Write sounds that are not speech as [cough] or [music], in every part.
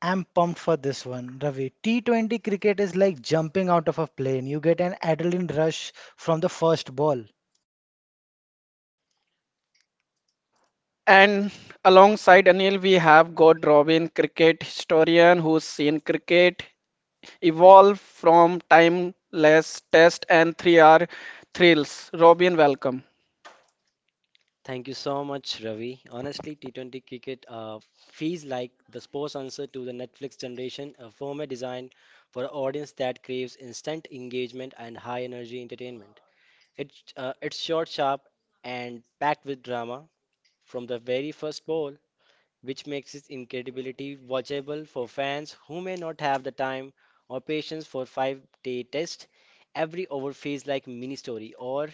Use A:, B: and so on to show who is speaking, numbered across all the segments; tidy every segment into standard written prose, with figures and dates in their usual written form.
A: I'm pumped for this one, Ravi. T20 cricket is like jumping out of a plane. You get an adrenaline rush from the first ball.
B: And alongside Anil, we have got Robin, cricket historian who's seen cricket evolve from timeless test and 3R thrills. Robin, welcome.
C: Thank you so much, Ravi. Honestly, T20 cricket feels like the sports answer to the Netflix generation, a format designed for an audience that craves instant engagement and high energy entertainment. It, it's short, sharp, and packed with drama from the very first ball, which makes its incredibility watchable for fans who may not have the time or patience for 5 day test. Every over feels like mini story or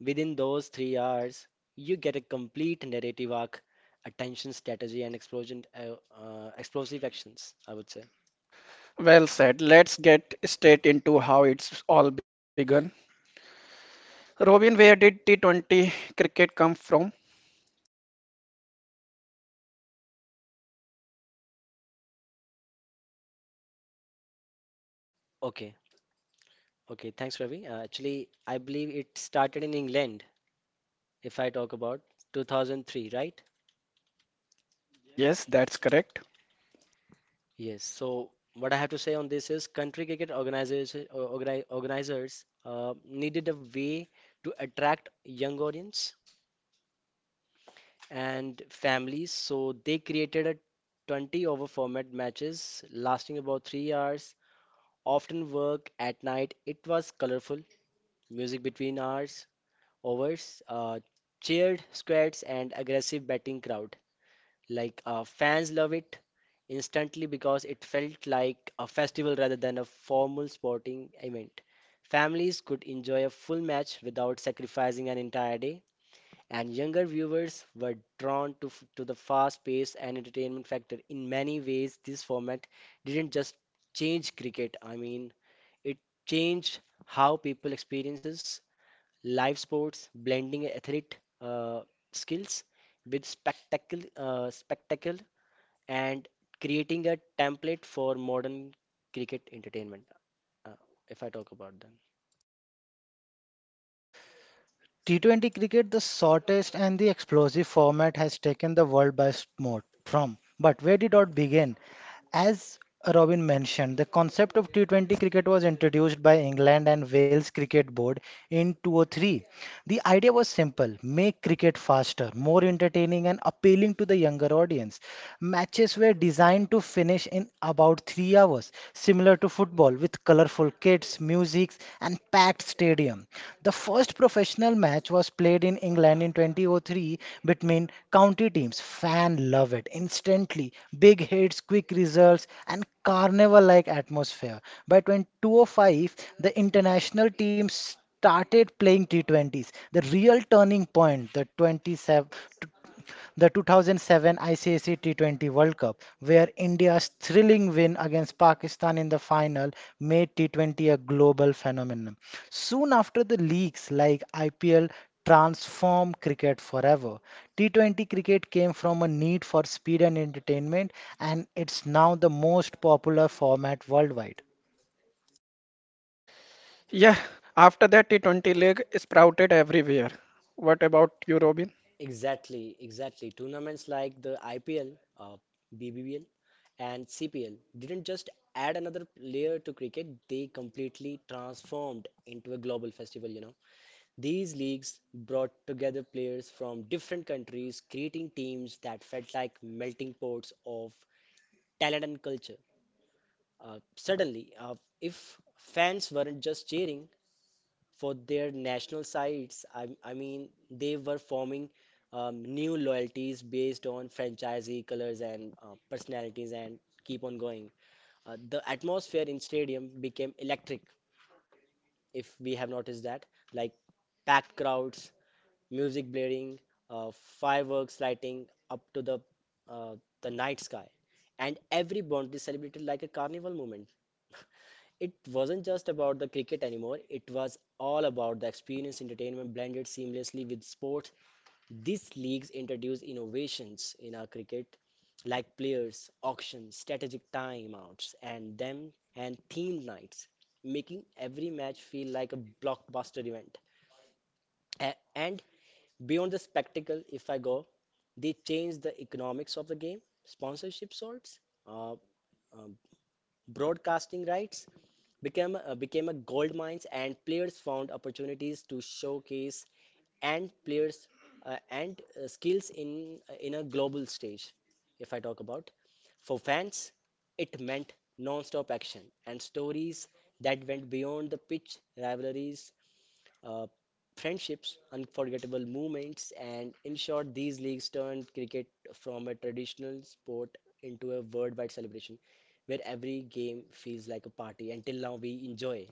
C: within those 3 hours, you get a complete narrative arc, attention strategy, and explosive actions, I would say.
B: Well said. Let's get straight into how it's all begun. Robin, where did T20 cricket come from?
C: Okay, okay, thanks, Ravi. Actually, I believe it started in England, if I talk about 2003, right?
B: Yes, that's correct.
C: Yes, so what I have to say on this is country cricket organizers needed a way to attract young audience and families. So they created a 20 over format matches lasting about 3 hours, often work at night. It was colorful, music between hours, overs, cheered squads and aggressive batting crowd. Like fans love it instantly because it felt like a festival rather than a formal sporting event. Families could enjoy a full match without sacrificing an entire day and younger viewers were drawn to the fast pace and entertainment factor. In many ways, this format didn't just change cricket, I mean, it changed how people experiences live sports, blending athlete uh, skills with spectacle and creating a template for modern cricket entertainment, uh, if I talk about them.
A: T20 cricket, the shortest and the explosive format, has taken the world by storm. From But where did it all begin? As Robin mentioned, the concept of T20 cricket was introduced by England and Wales Cricket Board in 2003. The idea was simple make cricket faster, more entertaining, and appealing to the younger audience. Matches were designed to finish in about 3 hours, similar to football, with colorful kits, music, and packed stadium. The first professional match was played in England in 2003 between county teams. Fan love it instantly. Big hits, quick results, and carnival like atmosphere. By 2005, the international teams started playing T20s, the real turning point, the 27, the 2007 ICC T20 World Cup, where India's thrilling win against Pakistan in the final made T20 a global phenomenon. Soon after, the leagues like IPL transformed cricket forever. T20 cricket came from a need for speed and entertainment, and it's now the most popular format worldwide.
B: Yeah, after that, T20 league sprouted everywhere. What about you, Robin?
C: Exactly, exactly. Tournaments like the IPL, uh, BBL, and CPL didn't just add another layer to cricket, they completely transformed into a global festival, you know. These leagues brought together players from different countries, creating teams that felt like melting pots of talent and culture. Suddenly, if fans weren't just cheering for their national sites. I mean, they were forming new loyalties based on franchisee colors and personalities and keep on going. The atmosphere in stadium became electric, if we have noticed that, like packed crowds, music blaring, uh, fireworks lighting up to uh, the night sky, and every boundary celebrated like a carnival moment. It wasn't just about the cricket anymore, it was all about the experience entertainment blended seamlessly with sports. These leagues introduced innovations in our cricket like players, auctions, strategic timeouts, and themed nights, making every match feel like a blockbuster event. And beyond the spectacle, if I go, they changed the economics of the game, sponsorship sorts, uh, um, broadcasting rights, became a gold mines and players found opportunities to showcase and players and skills in a global stage if I talk about. For fans it meant non-stop action and stories that went beyond the pitch rivalries, uh, friendships, unforgettable moments, and in short, these leagues turned cricket from a traditional sport into a worldwide celebration where every game feels like a party. Until now, we enjoy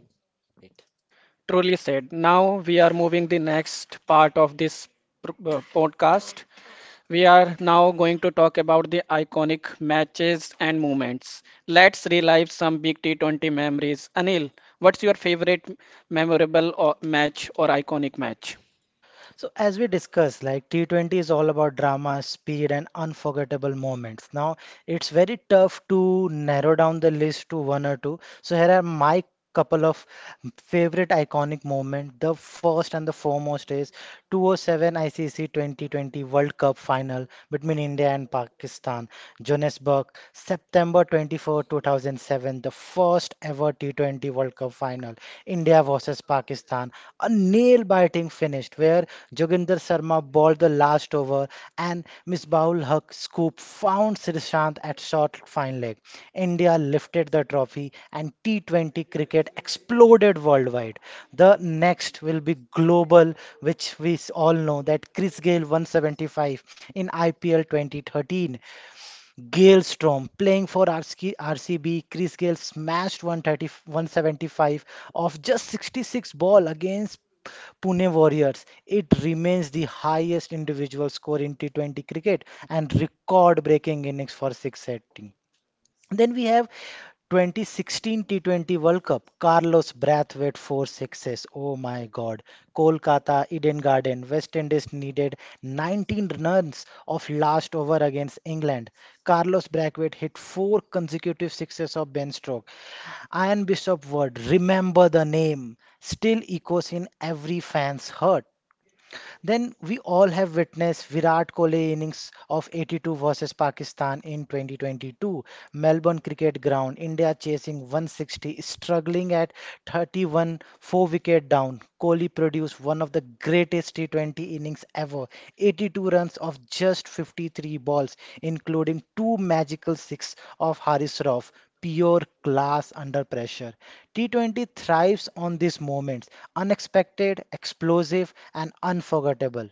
C: it.
B: Truly said. Now we are moving the next part of this podcast. We are now going to talk about the iconic matches and moments. Let's relive some big T20 memories. Anil, what's your favorite memorable or match or iconic match?
A: So as we discussed, like T20 is all about drama, speed, and unforgettable moments. Now, it's very tough to narrow down the list to one or two. So here are my couple of favorite iconic moment. The first and the foremost is 207 ICC 2020 World Cup final between India and Pakistan, Johannesburg, September 24, 2007, the first ever T20 World Cup final, India versus Pakistan. A nail biting finish where Joginder Sharma bowled the last over score, and Misbahul Haq scoop found Srishant at short fine leg. India lifted the trophy, and T20 cricket exploded worldwide. The next will be global, which we all know that Chris Gayle 175 in IPL 2013. Galestrom playing for RC RCB, Chris Gale smashed 130, 175 off just 66 ball against Pune Warriors. It remains the highest individual score in T20 cricket and record-breaking innings for 680. Then we have 2016 T20 World Cup, Carlos Brathwaite, four sixes. Oh my God. Kolkata, Eden Garden, West Indies needed 19 runs of last over against England. Carlos Brathwaite hit four consecutive sixes of Ben Stroke. Ian Bishop Word, remember the name, still echoes in every fan's heart. Then we all have witnessed Virat Kohli innings of 82 versus Pakistan in 2022, Melbourne Cricket Ground, India chasing 160, struggling at 31, four wicket down. Kohli produced one of the greatest T20 innings ever, 82 runs of just 53 balls, including two magical six of Haris Rauf pure class under pressure. T20 thrives on these moments unexpected, explosive, and unforgettable.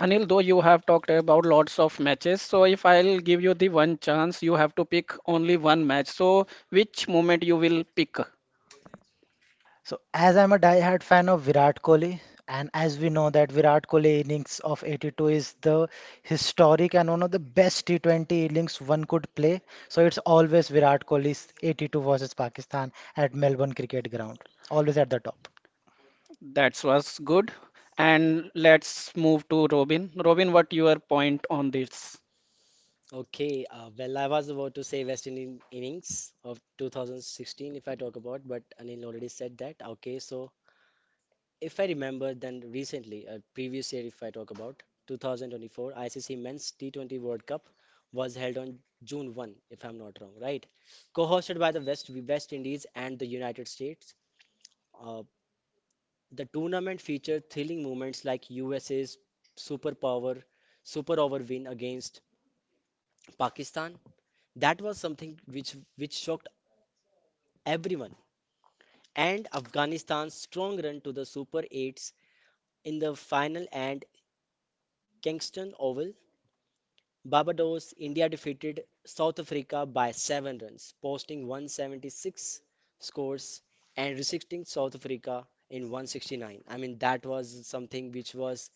B: Anil, though you have talked about lots of matches, so if I'll give you the one chance, you have to pick only one match. So which moment you will pick?
A: So, as I'm a die-hard fan of Virat Kohli, and as we know that Virat Kohli innings of 82 is the historic and one of the best T20 innings one could play. So it's always Virat Kohli's 82 versus Pakistan at Melbourne Cricket Ground, always at the top.
B: That was good. And let's move to Robin. Robin, what your point on this?
C: Okay, well, I was about to say West Indian innings of 2016 if I talk about, but Anil already said that. Okay, so if I remember, then recently, a previous year, if I talk about 2024, ICC Men's T20 World Cup was held on June 1, if I'm not wrong, right? Co-hosted by the West Indies and the United States, uh, the tournament featured thrilling moments like USA's superpower super over win against Pakistan. That was something which shocked everyone. And Afghanistan's strong run to the Super 8s in the final and Kingston Oval Barbados, India defeated South Africa by 7 runs, posting 176 scores and resisting South Africa in 169. I mean, that was something which was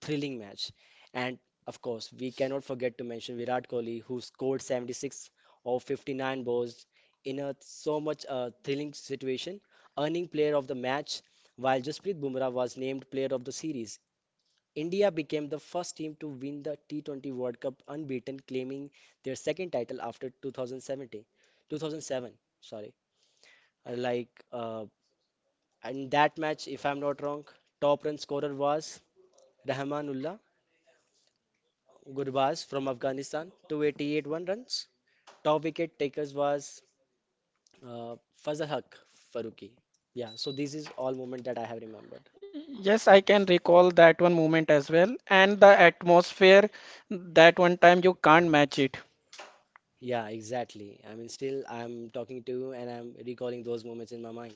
C: thrilling match. And of course, we cannot forget to mention Virat Kohli, who scored 76 of 59 balls in a so much thrilling situation, earning player of the match, while Jasprit Bumrah was named player of the series. India became the first team to win the T20 World Cup unbeaten, claiming their second title after 2007. Sorry. Uh, like uh, in that match, if I'm not wrong, top run scorer was Rahmanullah Gurbaz from Afghanistan, 288 one runs. Top wicket takers was uh, Fazal Haq Faruqi. Yeah, so this is all moment that I have remembered.
B: Yes, I can recall that one moment as well. And the atmosphere, that one time you can't match it.
C: Yeah, exactly. I mean, still I'm talking to you and I'm recalling those moments in my mind.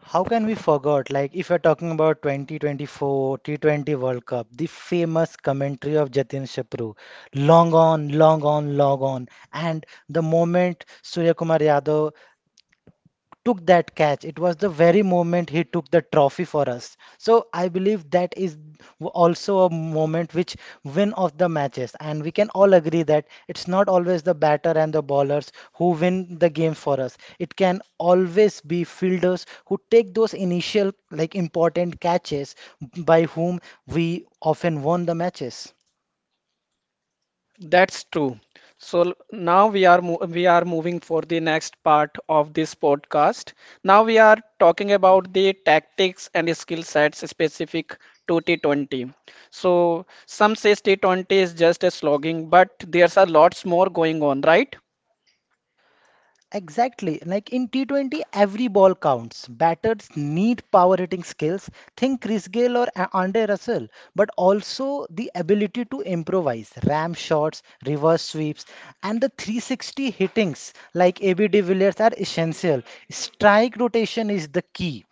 A: How can we forget, like, if you're talking about 2024 T20 World Cup, the famous commentary of Jatin Shapru, long on, long on, long on, and the moment Surya Kumar Yadav took that catch. It was the very moment he took the trophy for us. So I believe that is also a moment which win of the matches. And we can all agree that it's not always the batter and the bowlers who win the game for us. It can always be fielders who take those initial like important catches by whom we often won the matches.
B: That's true. Now we are moving for the next part of this podcast. Now we are talking about the tactics and skill sets specific to T20. So some says T20 is just a slogging, but there's a lots more going on, right?
A: Exactly. Like in T20, every ball counts. Batters need power hitting skills. Think Chris Gayle or Andre Russell, but also the ability to improvise, ram shots, reverse sweeps, and the 360 hittings like AB de Villiers are essential. Strike rotation is the key.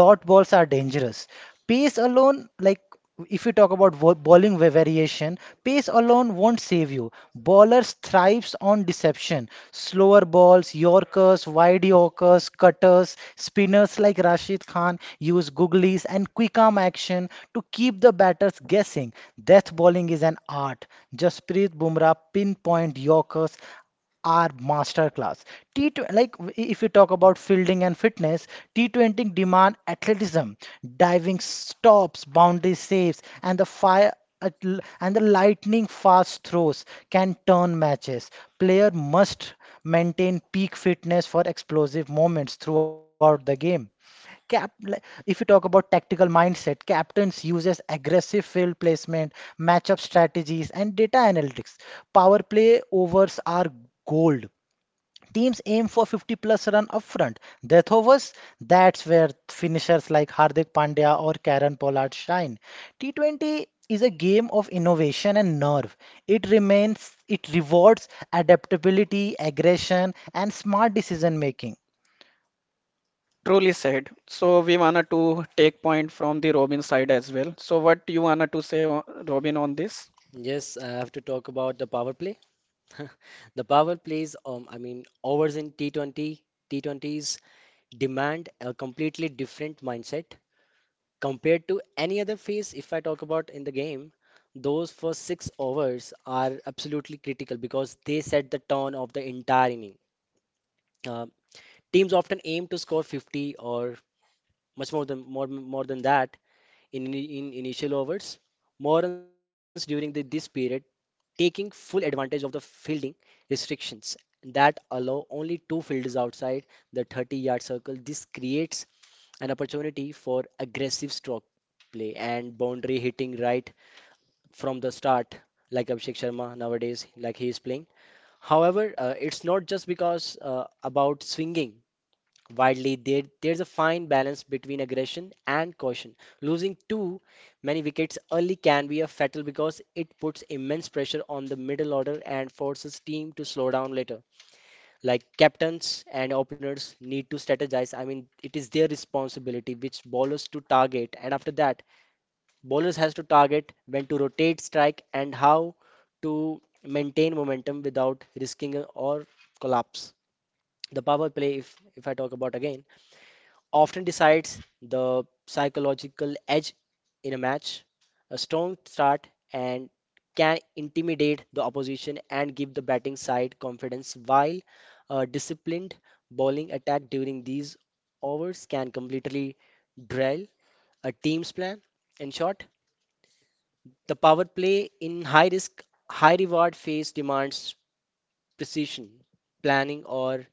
A: Dot balls are dangerous. Pace alone, like if you talk about bowling variation, pace alone won't save you. Bowlers thrives on deception. Slower balls, yorkers, wide yorkers, cutters, spinners like Rashid Khan use googlies and quick arm action to keep the batters guessing. Death bowling is an art. Jasprit Bumrah pinpoint yorkers are masterclass. T20, like if you talk about fielding and fitness, T20 demand athleticism, diving stops, boundary saves, and the lightning fast throws can turn matches. Player must maintain peak fitness for explosive moments throughout the game. Like, if you talk about tactical mindset, captains uses aggressive field placement, matchup strategies, and data analytics. Power play overs are gold. Teams aim for 50 plus run upfront. Death overs, that's where finishers like Hardik Pandya or Karen Pollard shine. T20 is a game of innovation and nerve. It rewards adaptability, aggression, and smart decision making.
B: Truly said. So we wanted to take point from the Robin side as well. So what you wanted to say, Robin, on this?
C: Yes, I have to talk about the power play. [laughs] The power plays, I mean, overs in T20s demand a completely different mindset compared to any other phase. If I talk about in the game, those first six overs are absolutely critical because they set the tone of the entire inning. Uh, Teams often aim to score 50 or much more than that in initial overs. More runs during this period taking full advantage of the fielding restrictions that allow only two fielders outside the 30-yard circle. This creates an opportunity for aggressive stroke play and boundary hitting right from the start, like Abhishek Sharma nowadays, like he is playing. However, it's not just because about swinging widely, there's a fine balance between aggression and caution. Losing too many wickets early can be a fatal because it puts immense pressure on the middle order and forces team to slow down later. Like captains and openers need to strategize. I mean, it is their responsibility which bowlers to target, and after that, bowlers has to target when to rotate strike and how to maintain momentum without risking or collapse. The power play, if I talk about again often decides the psychological edge in a match. A strong start and can intimidate the opposition and give the batting side confidence, while a disciplined bowling attack during these overs can completely derail a team's plan. In short, the power play in high risk, high reward phase demands precision, planning, or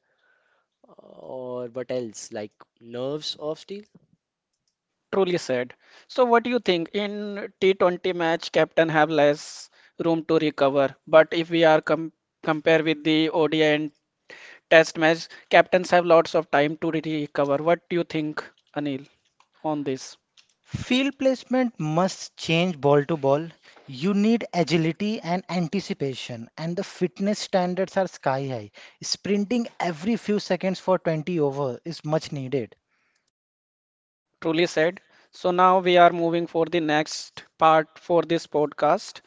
C: what else like nerves of steel.
B: Truly said. So what do you think? In T20 match, captain have less room to recover. But if we are compare with the ODI and Test match, captains have lots of time to recover. What do you think, Anil, on this?
A: Field placement must change ball to ball. You need agility and anticipation, and the fitness standards are sky high. Sprinting every few seconds for 20 over is much needed.
B: Truly said. So now we are moving for the next part for this podcast.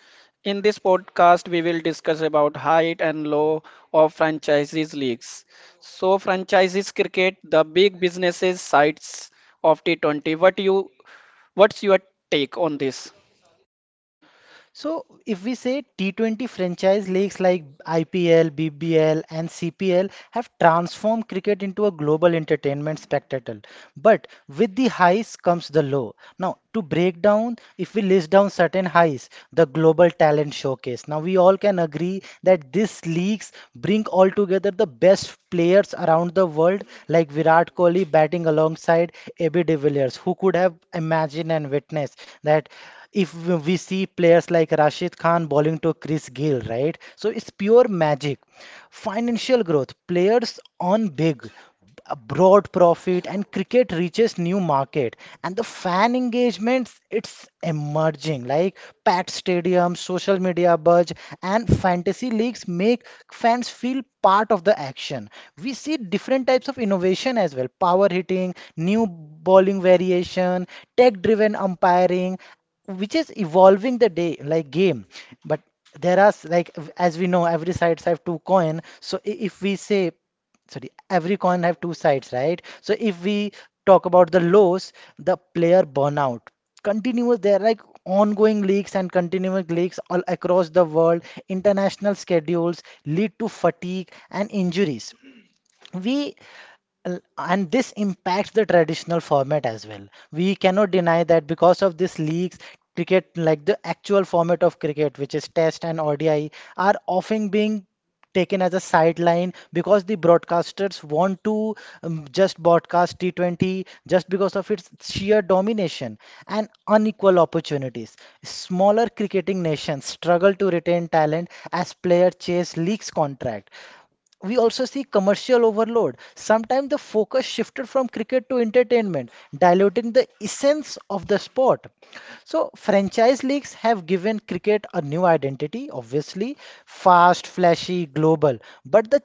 B: In this podcast, we will discuss about height and low of franchises leagues. So franchises cricket, the big businesses sides of T20. What's your take on this?
A: So, if we say T20 franchise leagues like IPL, BBL, and CPL have transformed cricket into a global entertainment spectacle, but with the highs comes the low. Now, to break down, if we list down certain highs, the global talent showcase. Now, we all can agree that these leagues bring all together the best players around the world, like Virat Kohli batting alongside AB de Villiers. Who could have imagined and witnessed that? If we see players like Rashid Khan bowling to Chris Gill, right? So it's pure magic. Financial growth, players on big a broad profit and cricket reaches new market, and the fan engagement, it's emerging like packed stadiums, social media buzz, and fantasy leagues make fans feel part of the action. We see different types of innovation as well, power hitting, new bowling variation, tech driven umpiring, which is evolving the day like game. But there are as we know every sides have two coin so I- if we say Sorry, every coin have two sides, right? So if we talk about the lows, the player burnout. Continuous, there are like ongoing leaks and continuing leaks all across the world. International schedules lead to fatigue and injuries. We and this impacts the traditional format as well. We cannot deny that because of these leaks, cricket, like the actual format of cricket which is test and odi, are often being taken as a sideline because the broadcasters want to just broadcast T20 just because of its sheer domination and unequal opportunities. Smaller cricketing nations struggle to retain talent as players chase leagues contract. We also see commercial overload. Sometimes the focus shifted from cricket to entertainment, diluting the essence of the sport. So, franchise leagues have given cricket a new identity, obviously, fast, flashy, global. But the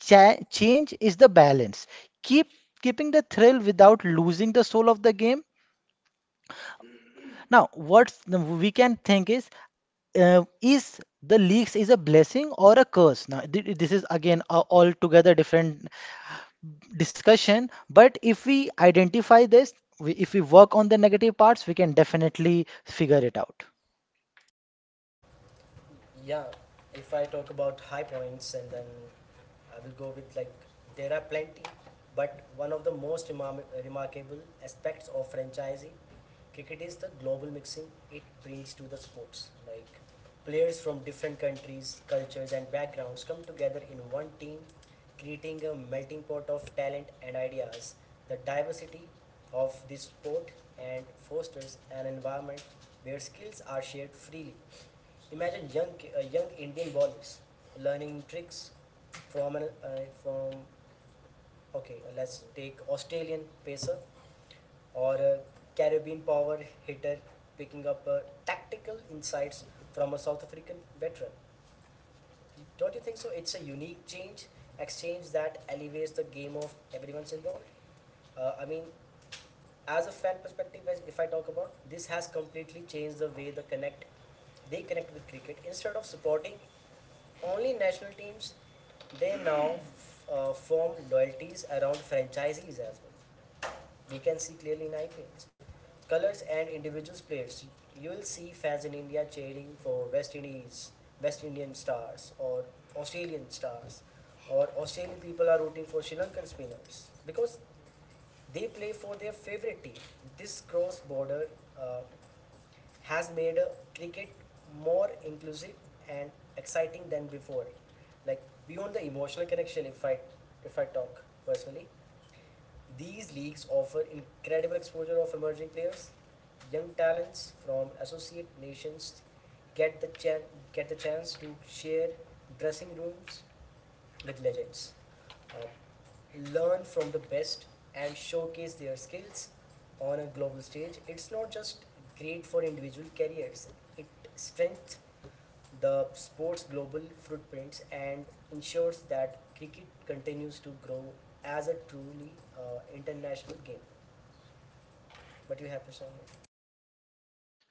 A: change is the balance. Keep keeping the thrill without losing the soul of the game. Now, what we can think is, is the leaks is a blessing or a curse now this is again a altogether different discussion, but if we identify this, if we work on the negative parts, we can definitely figure it out.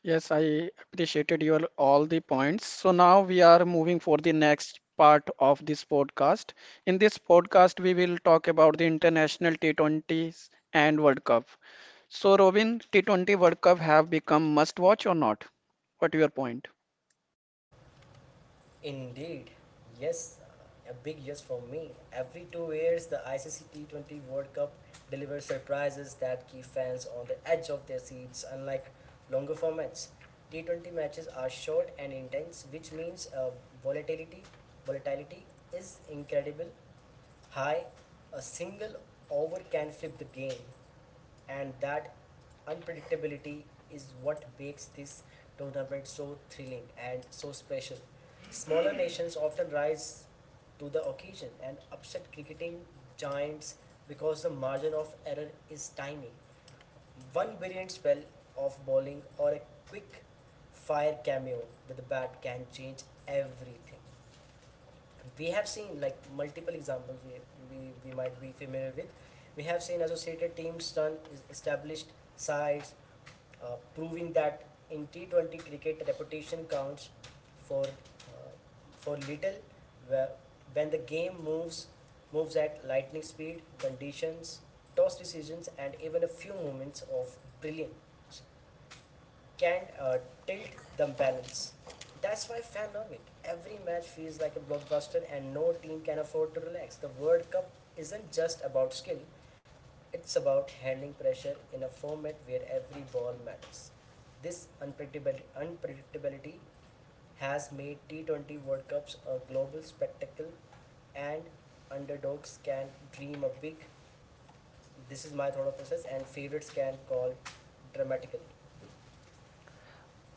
B: Yes, I appreciated your all the points. So now we are moving for the next part of this podcast. In this podcast, we will talk about the international T20s and World Cup. So Robin, T20 World Cup have become must watch or not? What your point?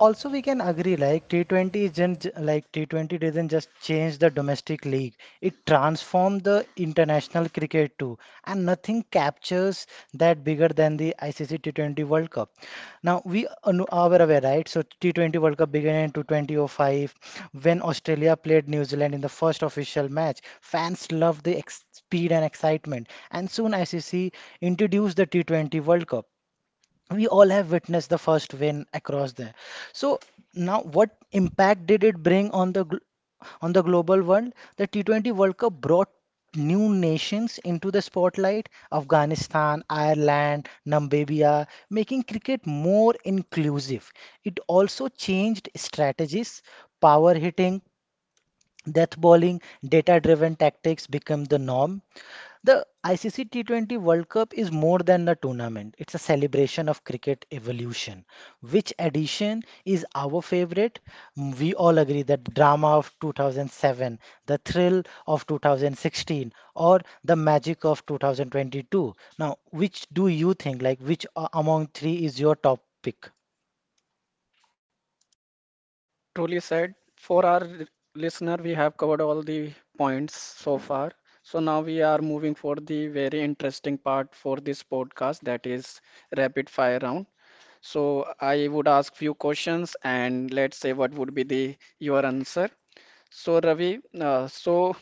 A: Also, we can agree like T20 isn't like T20 didn't just change the domestic league. It transformed the international cricket too, and nothing captures that bigger than the ICC T20 World Cup. Now we are are aware, right? So T20 World Cup began in 2005 when Australia played New Zealand in the first official match. Fans loved the ex speed and excitement, and soon ICC introduced the T20 World Cup. We all have witnessed the first win across there. So now, what impact did it bring on the global world? The T20 World Cup brought new nations into the spotlight: Afghanistan, Ireland, Namibia, making cricket more inclusive. It also changed strategies, power hitting, death bowling, data-driven tactics become the norm. The ICC T20 World Cup is more than a tournament. It's a celebration of cricket evolution. Which edition is our favorite? Mm, we all agree that the drama of 2007, the thrill of 2016, or the magic of 2022. Now, which do you think, like, which among three is your top pick?
B: Truly said. For our listener, we have covered all the points so far. So now we are moving for the very interesting part for this podcast, that is rapid fire round. So I would ask few questions and let's say what would be the your answer. So Ravi, so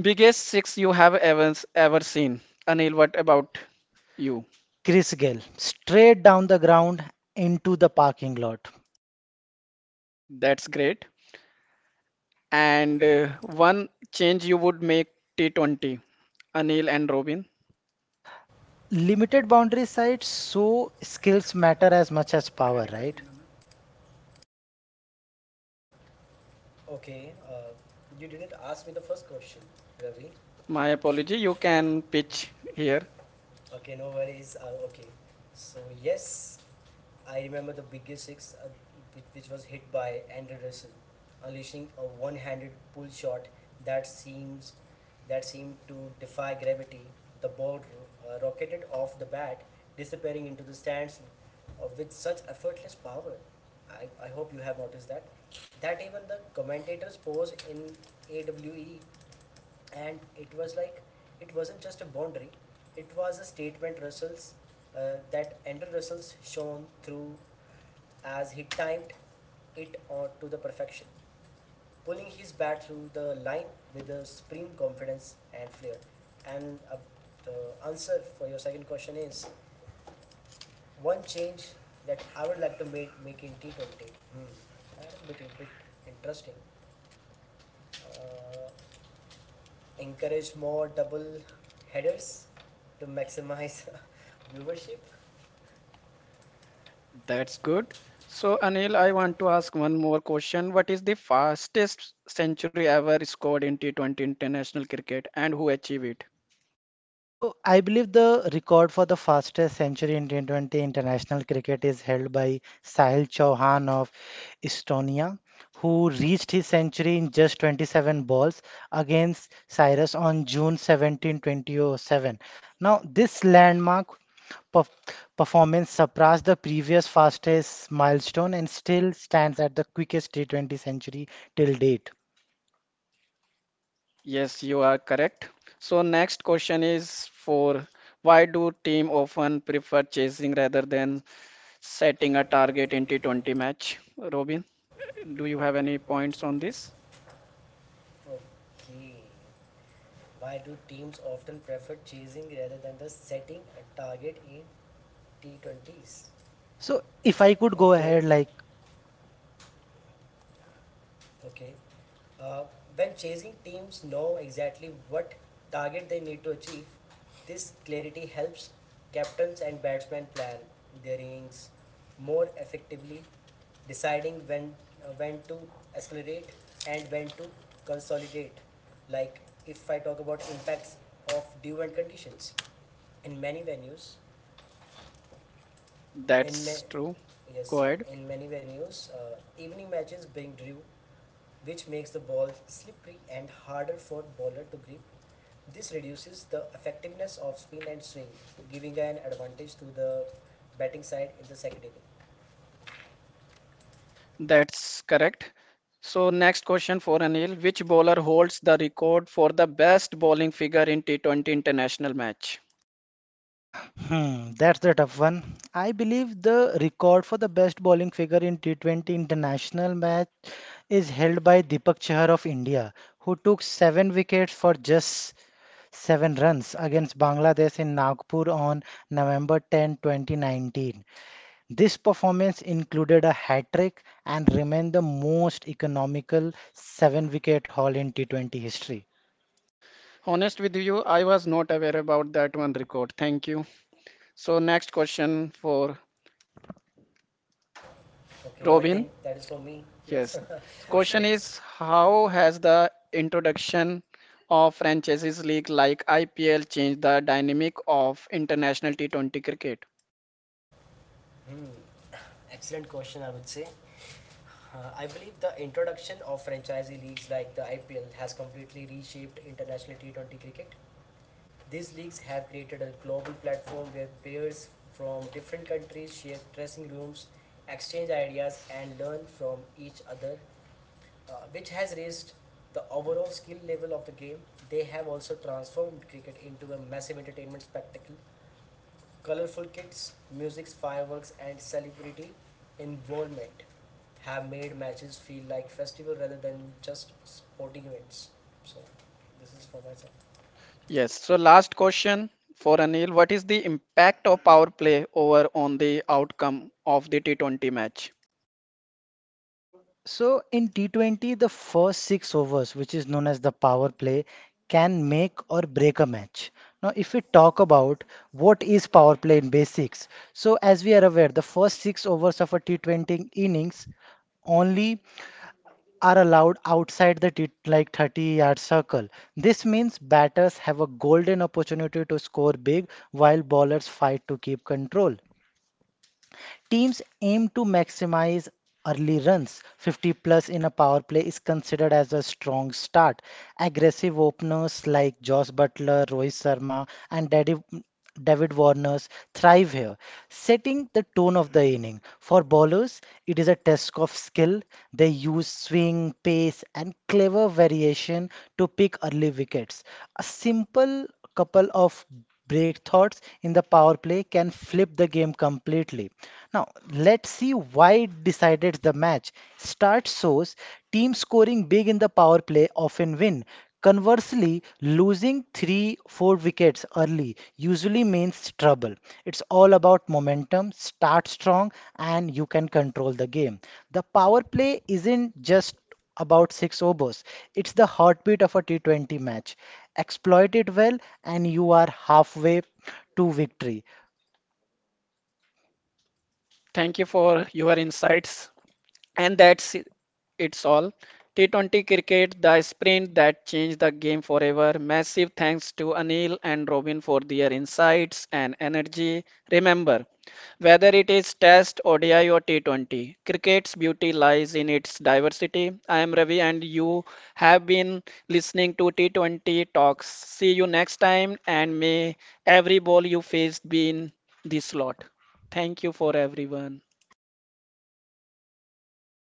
B: biggest six you have ever ever seen. Anil, what about you?
A: Chris Gale, straight down the ground into the parking lot.
B: That's great. And one change you would make T20. Anil and Robin,
A: Limited boundary side, so skills matter as much as power, right?
B: my apology. You can pitch here. That's good. So, Anil, I want to ask one more question. What is the fastest century ever scored in T20 international cricket and who achieved it?
A: So I believe the record for the fastest century in T20 international cricket is held by Sahil Chauhan of Estonia, who reached his century in just 27 balls against Cyrus on June 17, 2007. Now, this landmark perf- performance surpassed the previous fastest milestone and still stands at the quickest T20 century till date.
B: Yes, you are correct. So, next question is for why do team often prefer chasing rather than setting a target in T20 match? Robin, do you have any points on this?
A: So, if I could go ahead, like.
B: That's true. Go ahead. That's correct. So next question for Anil. Which bowler holds the record for the best bowling figure in T20 international match?
A: Hmm, that's the tough one. I believe the record for the best bowling figure in T20 international match is held by Deepak Chahar of India, who took seven wickets for just seven runs against Bangladesh in Nagpur on November 10, 2019. This performance included a hat trick and remained the most economical seven wicket haul in T20 history.
B: Honest with you, I was not aware about that one record. Thank you. So next question for Robin. Yes. Question is how has the introduction of franchises league like IPL changed the dynamic of international T20 cricket? Yes. So last question for Anil. What is the impact of power play over on the outcome of the T20 match?
A: So in T20, the first six overs, which is known as the power play, can make or break a match. Now, if we talk about what is power play in basics, so as we are aware, the first six overs of a T20 innings only are allowed outside the like 30-yard circle. This means batters have a golden opportunity to score big while bowlers fight to keep control. Teams aim to maximize early runs. 50 plus in a power play is considered as a strong start. Aggressive openers like Josh Butler, Rohit Sharma, and David Warners thrive here, setting the tone of the inning. For bowlers, it is a test of skill. They use swing, pace, and clever variation to pick early wickets. A simple couple of breakthroughs in the power play can flip the game completely. Now, let's see why it decided the match. Start shows teams scoring big in the power play often win. Conversely, losing 3 4 wickets early usually means trouble. It's all about momentum, start strong, and you can control the game. The power play isn't just about six overs. It's the heartbeat of a T20 match. Exploit it well, and you are halfway to victory.
B: Thank you for your insights. And that's it- it's all. T20 cricket, the sprint that changed the game forever. Massive thanks to Anil and Robin for their insights and energy. Remember, whether it is Test, ODI, or T20, cricket's beauty lies in its diversity. I am Ravi, and you have been listening to T20 Talks. See you next time, and may every ball you face be in the slot. Thank you for everyone.